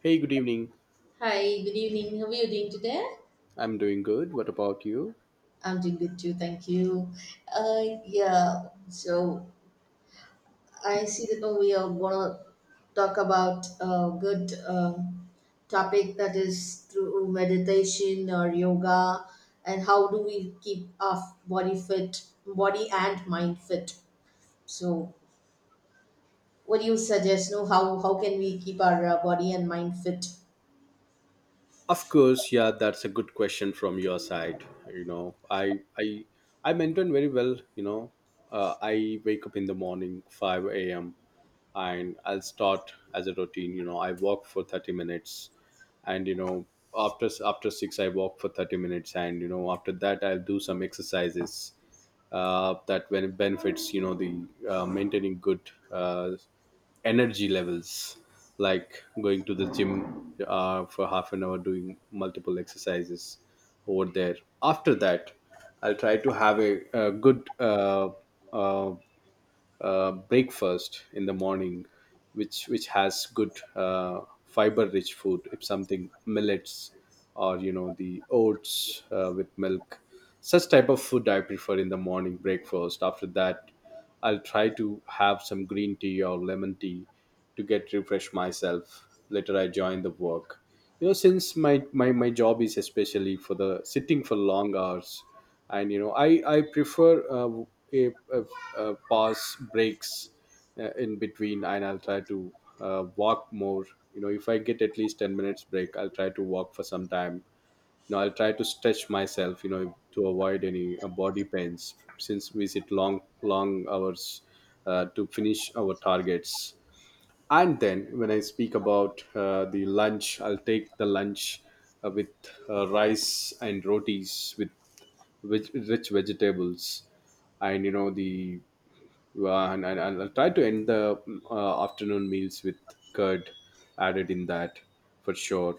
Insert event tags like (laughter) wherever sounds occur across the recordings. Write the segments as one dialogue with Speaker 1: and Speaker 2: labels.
Speaker 1: Hey, good evening.
Speaker 2: Hi, good evening. How are you doing today?
Speaker 1: I'm doing good. What about you?
Speaker 2: I'm doing good too, thank you. Yeah, so I see that now we are gonna talk about a good topic that is through meditation or yoga, and how do we keep our body fit, body and mind fit. So, what do you suggest? No, how can we keep our body and mind fit?
Speaker 1: Of course, yeah, that's a good question from your side. You know, I maintain very well. You know, I wake up in the morning 5 a.m. and I'll start as a routine. You know, I walk for 30 minutes, and you know, after six, I walk for 30 minutes, and you know, after that, I'll do some exercises that when it benefits you know the maintaining good energy levels like going to the gym for half an hour doing multiple exercises over there. After that, I'll try to have a good uh, breakfast in the morning, which has good fiber-rich food. If something millets or you know the oats with milk, such type of food I prefer in the morning breakfast. After that, I'll try to have some green tea or lemon tea to get refresh myself. Later, I join the work. You know, since my job is especially for the sitting for long hours, and you know I prefer a, a, a pause breaks in between, and I'll try to walk more. You know, if I get at least 10 minutes break, I'll try to walk for some time, you know, I'll try to stretch myself, you know, to avoid any body pains since we sit long hours to finish our targets. And then when I speak about the lunch, I'll take the lunch with rice and rotis with which rich vegetables, and you know the and I'll try to end the afternoon meals with curd added in that, for sure.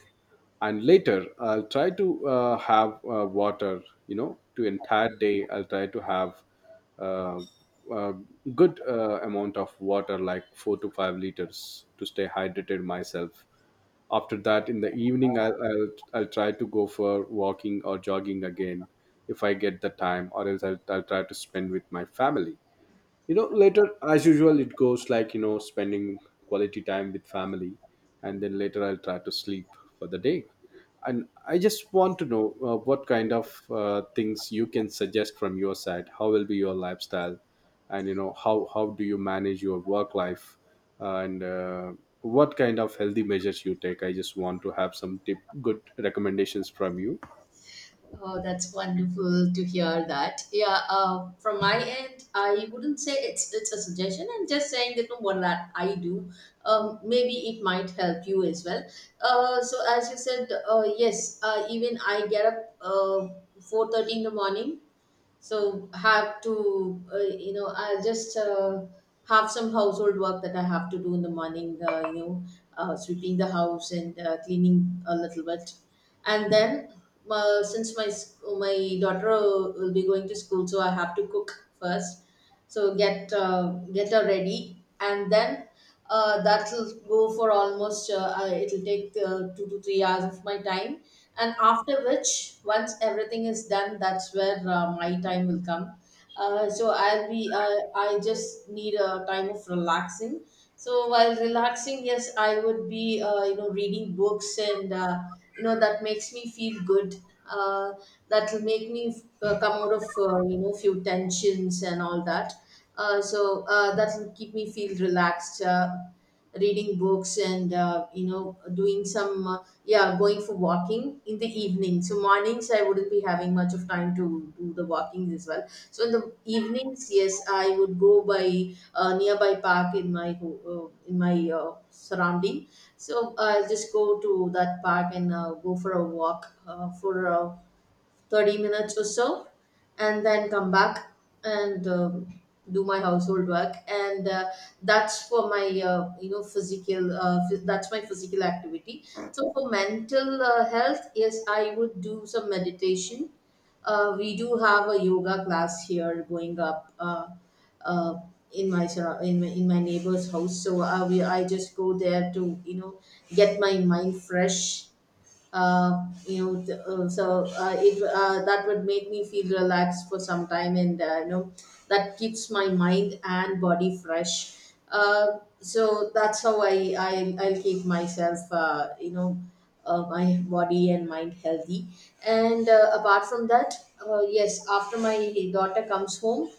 Speaker 1: And later I'll try to have water, you know, to entire day I'll try to have uh, a good amount of water like 4 to 5 liters to stay hydrated myself. After that in the evening I'll try to go for walking or jogging again if I get the time, or else I'll try to spend with my family, you know, later as usual it goes like, you know, spending quality time with family, and then later I'll try to sleep for the day. And I just want to know what kind of things you can suggest from your side, how will be your lifestyle, and you know how do you manage your work life. And What kind of healthy measures you take, I just want to have some tip good recommendations from you.
Speaker 2: Oh, that's wonderful to hear that. Yeah, from my end, I wouldn't say it's a suggestion. I'm just saying that from what that I do, maybe it might help you as well. So as you said, yes, even I get up 4:30 in the morning, so have to you know, I just have some household work that I have to do in the morning, you know, sweeping the house and cleaning a little bit. And then since my daughter will be going to school, so I have to cook first, so get her ready, and then that'll go for almost it'll take 2 to 3 hours of my time. And after which, once everything is done, that's where my time will come. So I'll be I just need a time of relaxing. So while relaxing, yes, I would be you know, reading books, and you know, that makes me feel good. uh, that will make me come out of you know, few tensions and all that. So that will keep me feel relaxed, reading books and you know, doing some yeah, going for walking in the evening. So mornings I wouldn't be having much of time to do the walkings as well, so in the evenings, yes, I would go by a nearby park in my in my surrounding. So I'll just go to that park and go for a walk for 30 minutes or so, and then come back. And do my household work, and that's for my you know, that's my physical activity. So for mental health, yes, I would do some meditation. We do have a yoga class here going up, uh, in my in my neighbor's house. So I just go there to, you know, get my mind fresh. Uh, you know, th- so it That would make me feel relaxed for some time, and you know, that keeps my mind and body fresh. So that's how I'll keep myself, you know, my body and mind healthy. And apart from that, yes, after my daughter comes home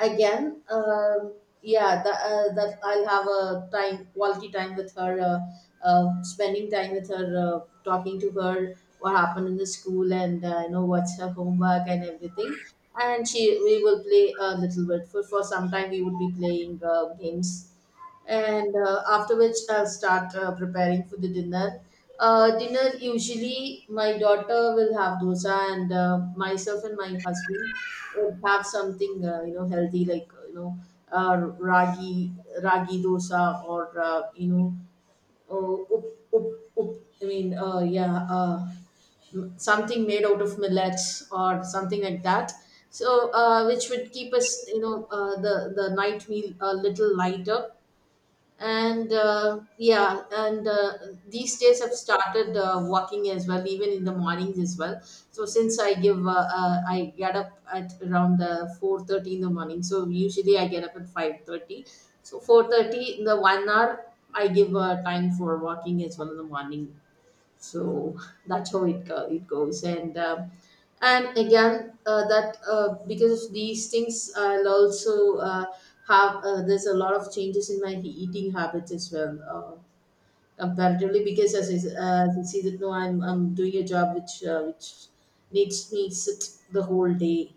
Speaker 2: again, yeah, that I'll have a time, quality time with her, spending time with her, talking to her what happened in the school, and you know, what's her homework and everything. And she we will play a little bit, for some time we would be playing games. And after which, I'll start preparing for the dinner. Dinner, usually my daughter will have dosa, and myself and my husband would have something, you know, healthy, like you know, uh, ragi ragi dosa, or you know, uh, up, up, up, I mean, yeah. Something made out of millets or something like that. So which would keep us, you know, the night meal a little lighter. And yeah, and these days I've started walking as well, even in the mornings as well. So since I get up at around 4:30 in the morning, so usually I get up at 5:30, so 4:30 in the one hour I give time for walking as well in the morning. So that's how it go, it goes. And and again that because of these things, I'll also have there's a lot of changes in my eating habits as well, comparatively, because as as you see that no, I'm doing a job which needs me sit the whole day.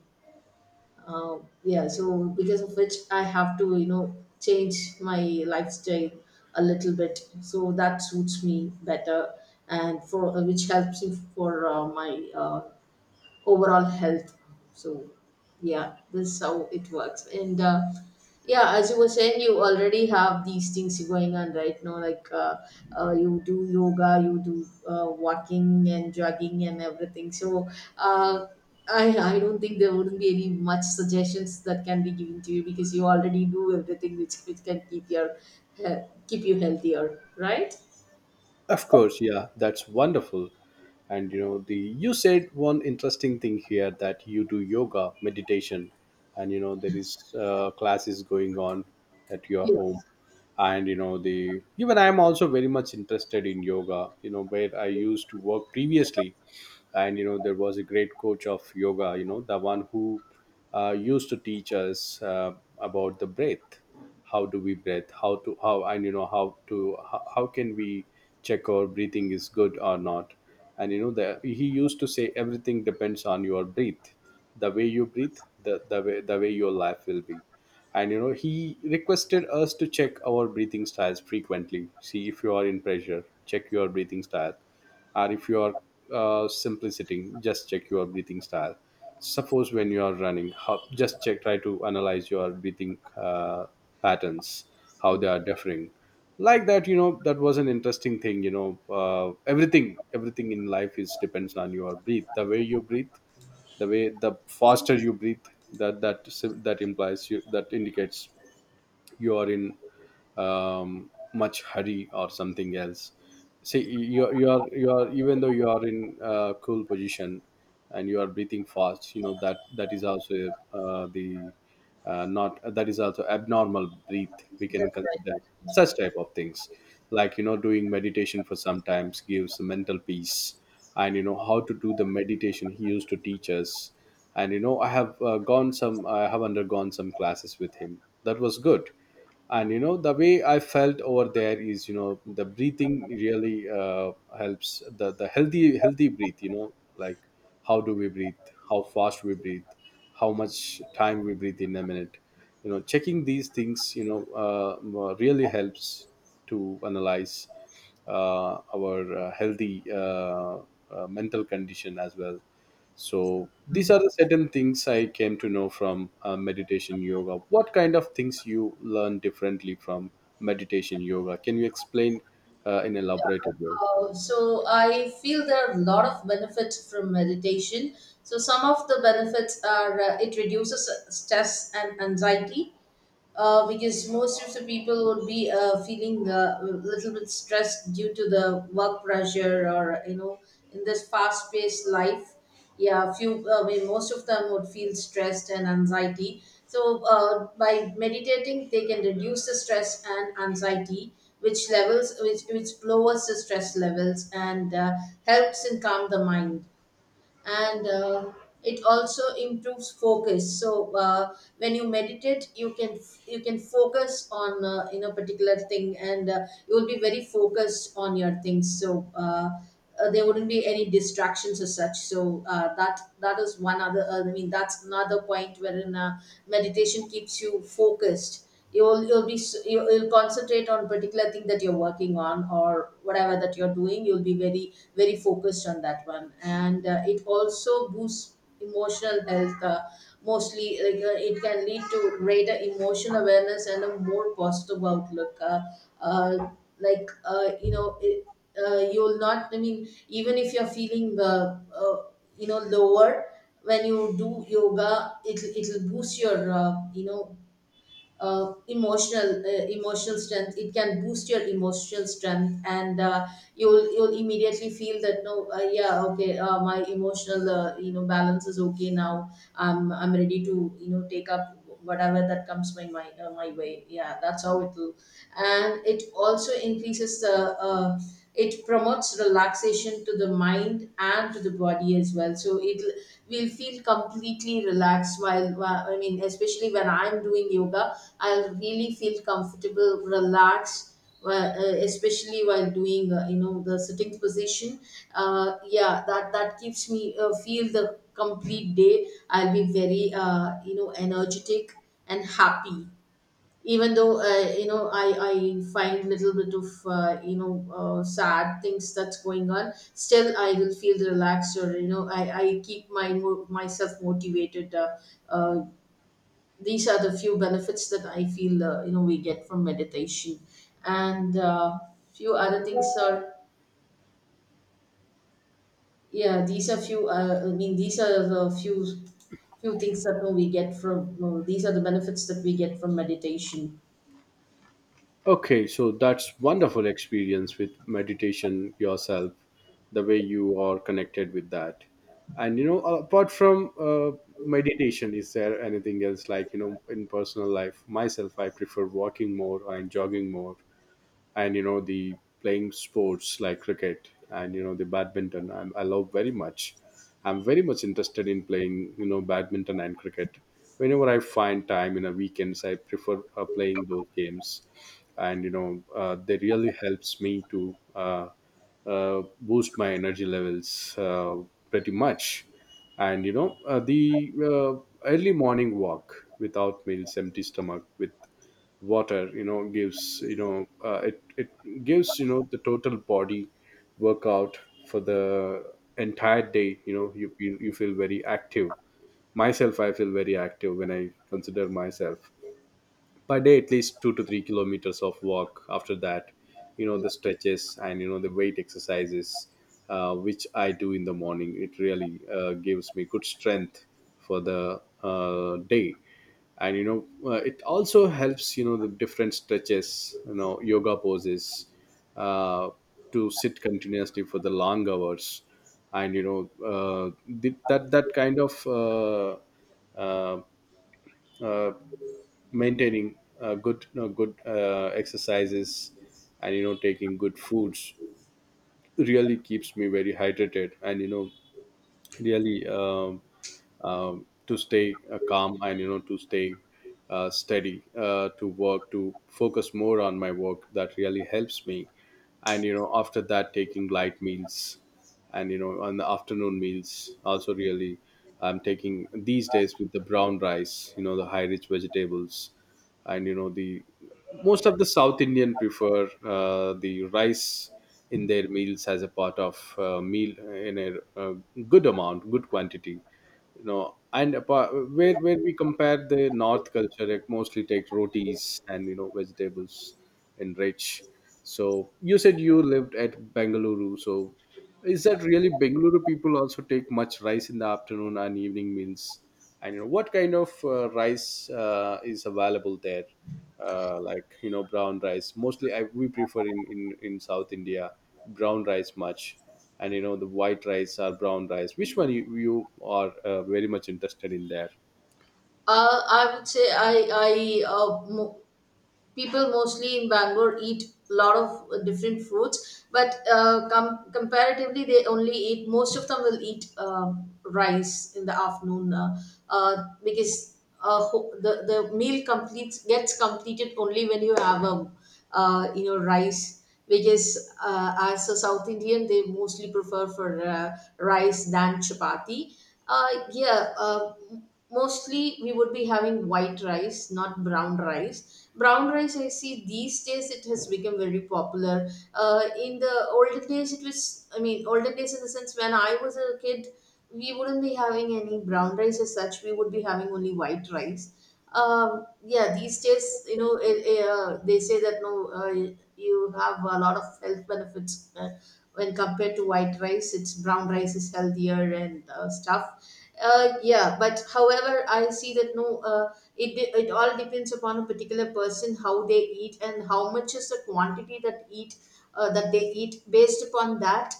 Speaker 2: uh, yeah, so because of which I have to, you know, change my lifestyle a little bit, so that suits me better, and for which helps me for my overall health. So, yeah, this is how it works. And yeah, as you were saying, you already have these things going on right now. Like you do yoga, you do walking and jogging and everything. So uh, I don't think there wouldn't be any much suggestions that can be given to you, because you already do everything which can keep your uh, keep you healthier, right?
Speaker 1: Of course, yeah, that's wonderful. And you know, the you said one interesting thing here that you do yoga, meditation, and you know there is classes going on at your home,
Speaker 2: Yes,
Speaker 1: and you know the even I am also very much interested in yoga. You know where I used to work previously, and you know there was a great coach of yoga, you know, the one who used to teach us about the breath, how do we breathe, how, and you know how to how can we check our breathing is good or not. And you know the, he used to say everything depends on your breath, the way you breathe, the way your life will be. And you know he requested us to check our breathing styles frequently. See, if you are in pressure, check your breathing style, or if you are simply sitting, just check your breathing style. Suppose when you are running, just check, try to analyze your breathing patterns, how they are differing, like that. You know, that was an interesting thing. You know, everything in life is depends on your breathe, the way you breathe, the way the faster you breathe, that that that implies you, that indicates you are in much hurry or something else. See, you are even though you are in a cool position and you are breathing fast, you know that that is also the not, that is also abnormal breath.
Speaker 2: that's
Speaker 1: We can
Speaker 2: right.
Speaker 1: consider
Speaker 2: That's
Speaker 1: such
Speaker 2: right.
Speaker 1: type of things, like you know doing meditation for sometimes gives mental peace. And you know how to do the meditation, he used to teach us. And you know I have undergone some classes with him, that was good. And you know the way I felt over there is, you know, the breathing really helps, the the healthy breathe, you know, like how do we breathe, how fast we breathe, how much time we breathe in a minute, you know, checking these things, you know, really helps to analyze our healthy mental condition as well. So these are the certain things I came to know from meditation yoga. What kind of things you learn differently from meditation yoga? Can you explain in elaborated way?
Speaker 2: So I feel there are a lot of benefits from meditation. So some of the benefits are, it reduces stress and anxiety, because most of the people would be feeling a little bit stressed due to the work pressure, or you know, in this fast paced life. Yeah, few I mean, most of them would feel stressed and anxiety. So by meditating, they can reduce the stress and anxiety, which lowers the stress levels, and helps in calm the mind. And it also improves focus. So when you meditate, you can focus on in a particular thing, and you will be very focused on your things. So there wouldn't be any distractions or such. So that is one other, I mean, that's another point wherein meditation keeps you focused. You'll be s- You'll concentrate on particular thing that you're working on or whatever that you're doing. You'll be very focused on that one. And it also boosts emotional health, mostly like, it can lead to greater emotional awareness and a more positive outlook. Uh, like uh, you know it, you'll not, I mean, even if you're feeling you know, lower, when you do yoga, it'll boost your, you know, emotional, emotional strength. It can boost your emotional strength. And you'll immediately feel that no, yeah, okay, my emotional, you know, balance is okay now. I'm ready to, you know, take up whatever that comes my my way. Yeah, that's how it will. And it also increases the it promotes relaxation to the mind and to the body as well. So it will feel completely relaxed I mean, especially when I'm doing yoga, I'll really feel comfortable, relaxed, especially while doing you know, the sitting position. Yeah, that that keeps me feel the complete day. I'll be very, you know, energetic and happy. Even though, you know, I find little bit of, you know, sad things that's going on, still I will feel relaxed. Or you know, I keep myself motivated, uh, these are the few benefits that I feel, you know, we get from meditation. And few other things are, yeah, these are few I mean, these are the few things that we get from, well, these are the benefits that we get from meditation.
Speaker 1: Okay, so that's wonderful experience with meditation yourself, the way you are connected with that. And you know, apart from meditation, is there anything else like, you know, in personal life? Myself, I prefer walking more and jogging more, and you know the playing sports like cricket, and you know the badminton I love very much. I'm very much interested in playing, you know, badminton and cricket. Whenever I find time in a weekends, I prefer playing those games. And you know they really helps me to boost my energy levels pretty much. And you know the early morning walk without meals, empty stomach with water, you know, gives, you know, it gives, you know, the total body workout for the entire day. You know, you feel very active. Myself, I feel very active when I consider myself per day at least 2 to 3 kilometers of walk. After that, you know, the stretches and you know the weight exercises which I do in the morning, it really gives me good strength for the day. And you know it also helps, you know, the different stretches, you know, yoga poses uh, to sit continuously for the long hours. And you know that that kind of uh, uh, maintaining good, you know, good exercises, and you know taking good foods, really keeps me very hydrated and you know really to stay calm, and you know, to stay steady to work, to focus more on my work, that really helps me. And you know after that taking light meals, and you know on the afternoon meals also, really, I'm taking these days with the brown rice, you know, the high rich vegetables, and you know the most of the south indian prefer the rice in their meals as a part of meal in a, uh good amount, good quantity, you know. And apart, where we compare the north culture, it mostly takes rotis and you know vegetables and rich. So you said you lived at Bengaluru, so is that really Bengaluru people also take much rice in the afternoon and evening meals, and you know what kind of rice is available there. Like, you know, brown rice mostly we prefer in, in south India, brown rice much. And you know the white rice or brown rice, which one you are very much interested in there.
Speaker 2: I would say I uh, mo- people mostly in Bangalore eat a lot of different fruits, but comparatively, most of them will eat rice in the afternoon, because the meal completes gets completed only when you have a, you know, rice, because as a South Indian, they mostly prefer for rice than chapati. Yeah, mostly we would be having white rice, not brown rice. Brown rice, I see these days it has become very popular. In the olden days, it was, I mean, olden days in the sense when I was a kid, we wouldn't be having any brown rice as such. We would be having only white rice. Yeah, these days, you know, they say that no, you have a lot of health benefits when compared to white rice. It's Brown rice is healthier, and stuff. Yeah, but however, I see that no, it all depends upon a particular person how they eat and how much is the quantity that eat, that they eat. Based upon that,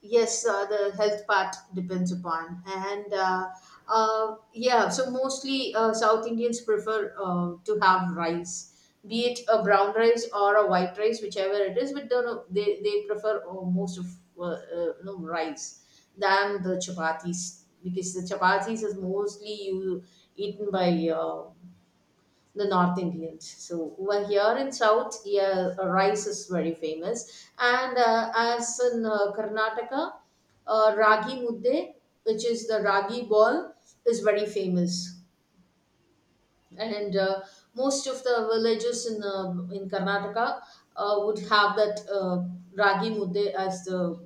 Speaker 2: yes, the health part depends upon. And yeah, so mostly, south indians prefer to have rice, be it a brown rice or a white rice, whichever it is. But don't know, they prefer, most of, you know, rice than the chapatis, because the chapatis is mostly you eaten by, the North Indians. So over here in South, yeah, rice is very famous. And as in Karnataka, ragi mudde, which is the ragi ball, is very famous. And most of the villages in Karnataka would have that ragi mudde as the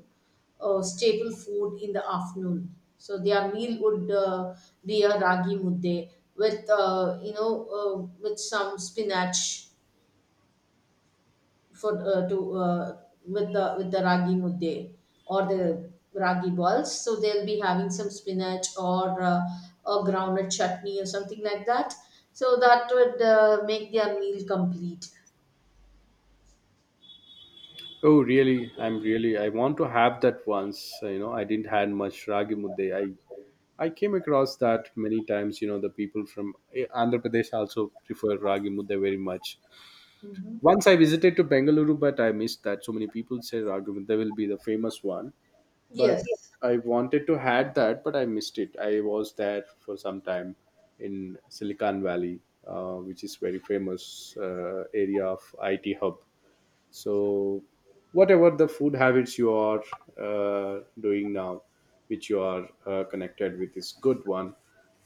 Speaker 2: staple food in the afternoon. So their meal would be a ragi mudde with you know, with some spinach for to with the ragi mudde or the ragi balls. So they'll be having some spinach, or a groundnut chutney or something like that. So that would make their meal complete.
Speaker 1: Oh really, I'm really, I want to have that once, you know, I didn't had much ragi mudde, I came across that many times, you know, the people from andhra pradesh also prefer ragi mudde very much.
Speaker 2: Hmm.
Speaker 1: Once I visited to Bengaluru, but I missed that. So many people say ragi mudde will be the famous one, but yeah.
Speaker 2: Yes.
Speaker 1: I wanted to had that, but I missed it. I was there for some time in Silicon Valley, which is very famous area of IT hub. So, whatever the food habits you are doing now, which you are connected with, is good one.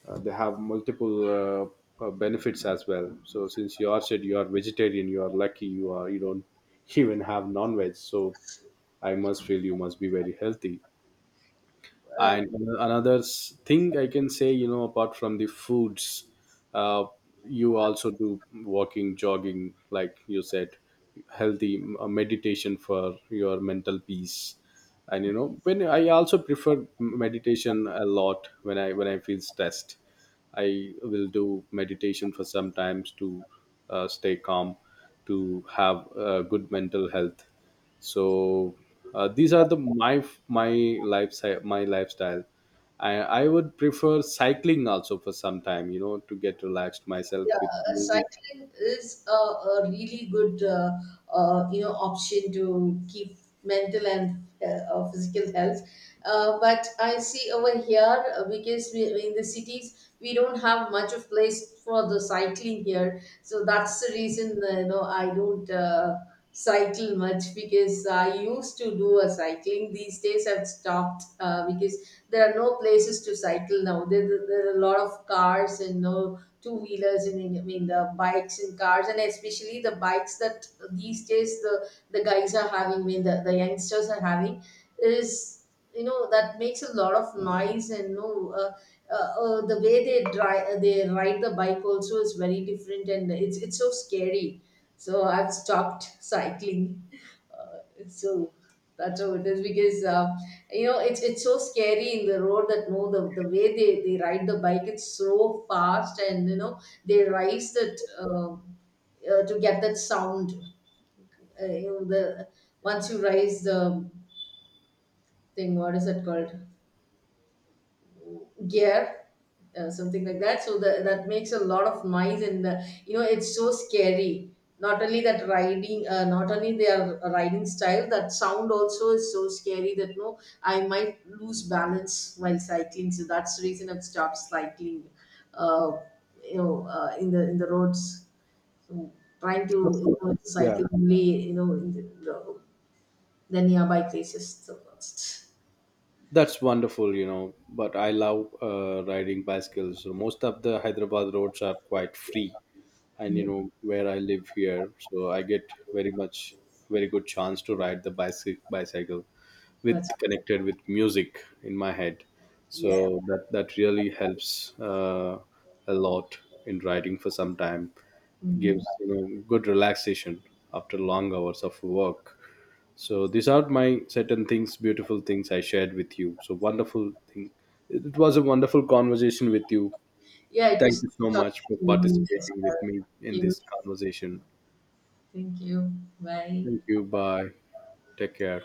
Speaker 1: They have multiple benefits as well. So, since you are said you are vegetarian, you are lucky. You are, you don't (laughs) even have non-veg. So, I must feel you must be very healthy.
Speaker 2: Uh.
Speaker 1: And another thing I can say, you know, apart from the foods, uh, you also do walking, jogging, like you said, healthy meditation for your mental peace. And you know, when I also prefer meditation a lot, when I feel stressed, I will do meditation for sometimes to stay calm, to have good mental health. So these are the my my lifestyle. I, I would prefer cycling also for some time, you know, to get relaxed myself
Speaker 2: Yeah,
Speaker 1: with music.
Speaker 2: cycling is a really good, you know, option to keep mental and, physical health. But I see over here, because we in the cities, we don't have much of place for the cycling here, so that's the reason, you know, I don't cycle much, because I used to do a cycling. These days I've stopped, because there are no places to cycle now. There, there are a lot of cars, and no, two wheelers, and I mean the bikes and cars, and especially the bikes that these days the guys are having, I mean the youngsters are having, is, you know, that makes a lot of noise. And no, the way they drive, they ride the bike also is very different, and it's so scary, so I've stopped cycling. Uh, so that's how it is, because you know, it's so scary in the road that no, the way they ride the bike, it's so fast, and you know, they rise that, to get that sound, you know, the once you rise the thing, what is it called, gear, something like that. So that makes a lot of noise. And you know, it's so scary, not only that riding, not only their riding style, that sound also is so scary, that no, I might lose balance while cycling. So that's the reason I've stopped cycling, uh, you know, in the roads. So trying to,
Speaker 1: Of
Speaker 2: you
Speaker 1: course.
Speaker 2: know,
Speaker 1: Yeah.
Speaker 2: cycle only, you know, in the nearby places, so that's.
Speaker 1: That's wonderful, you know. But I love riding bicycles, so most of the Hyderabad roads are quite free, and you
Speaker 2: Yeah,
Speaker 1: know where I live here, so I get very much, very good chance to ride the bicycle
Speaker 2: that's.
Speaker 1: with connected with music in my head, so
Speaker 2: Yeah.
Speaker 1: that that really helps a lot. In writing for some time
Speaker 2: Hmm.
Speaker 1: gives, you know, good relaxation after long hours of work. So these are my certain things, beautiful things I shared with you, so wonderful thing. It was a wonderful conversation with you.
Speaker 2: Yeah, it
Speaker 1: Thank
Speaker 2: was
Speaker 1: you so
Speaker 2: talking
Speaker 1: much for
Speaker 2: to you as
Speaker 1: participating with
Speaker 2: well.
Speaker 1: me
Speaker 2: Thank
Speaker 1: in
Speaker 2: you.
Speaker 1: this conversation.
Speaker 2: Thank you. Bye.
Speaker 1: Thank you, bye. Take care.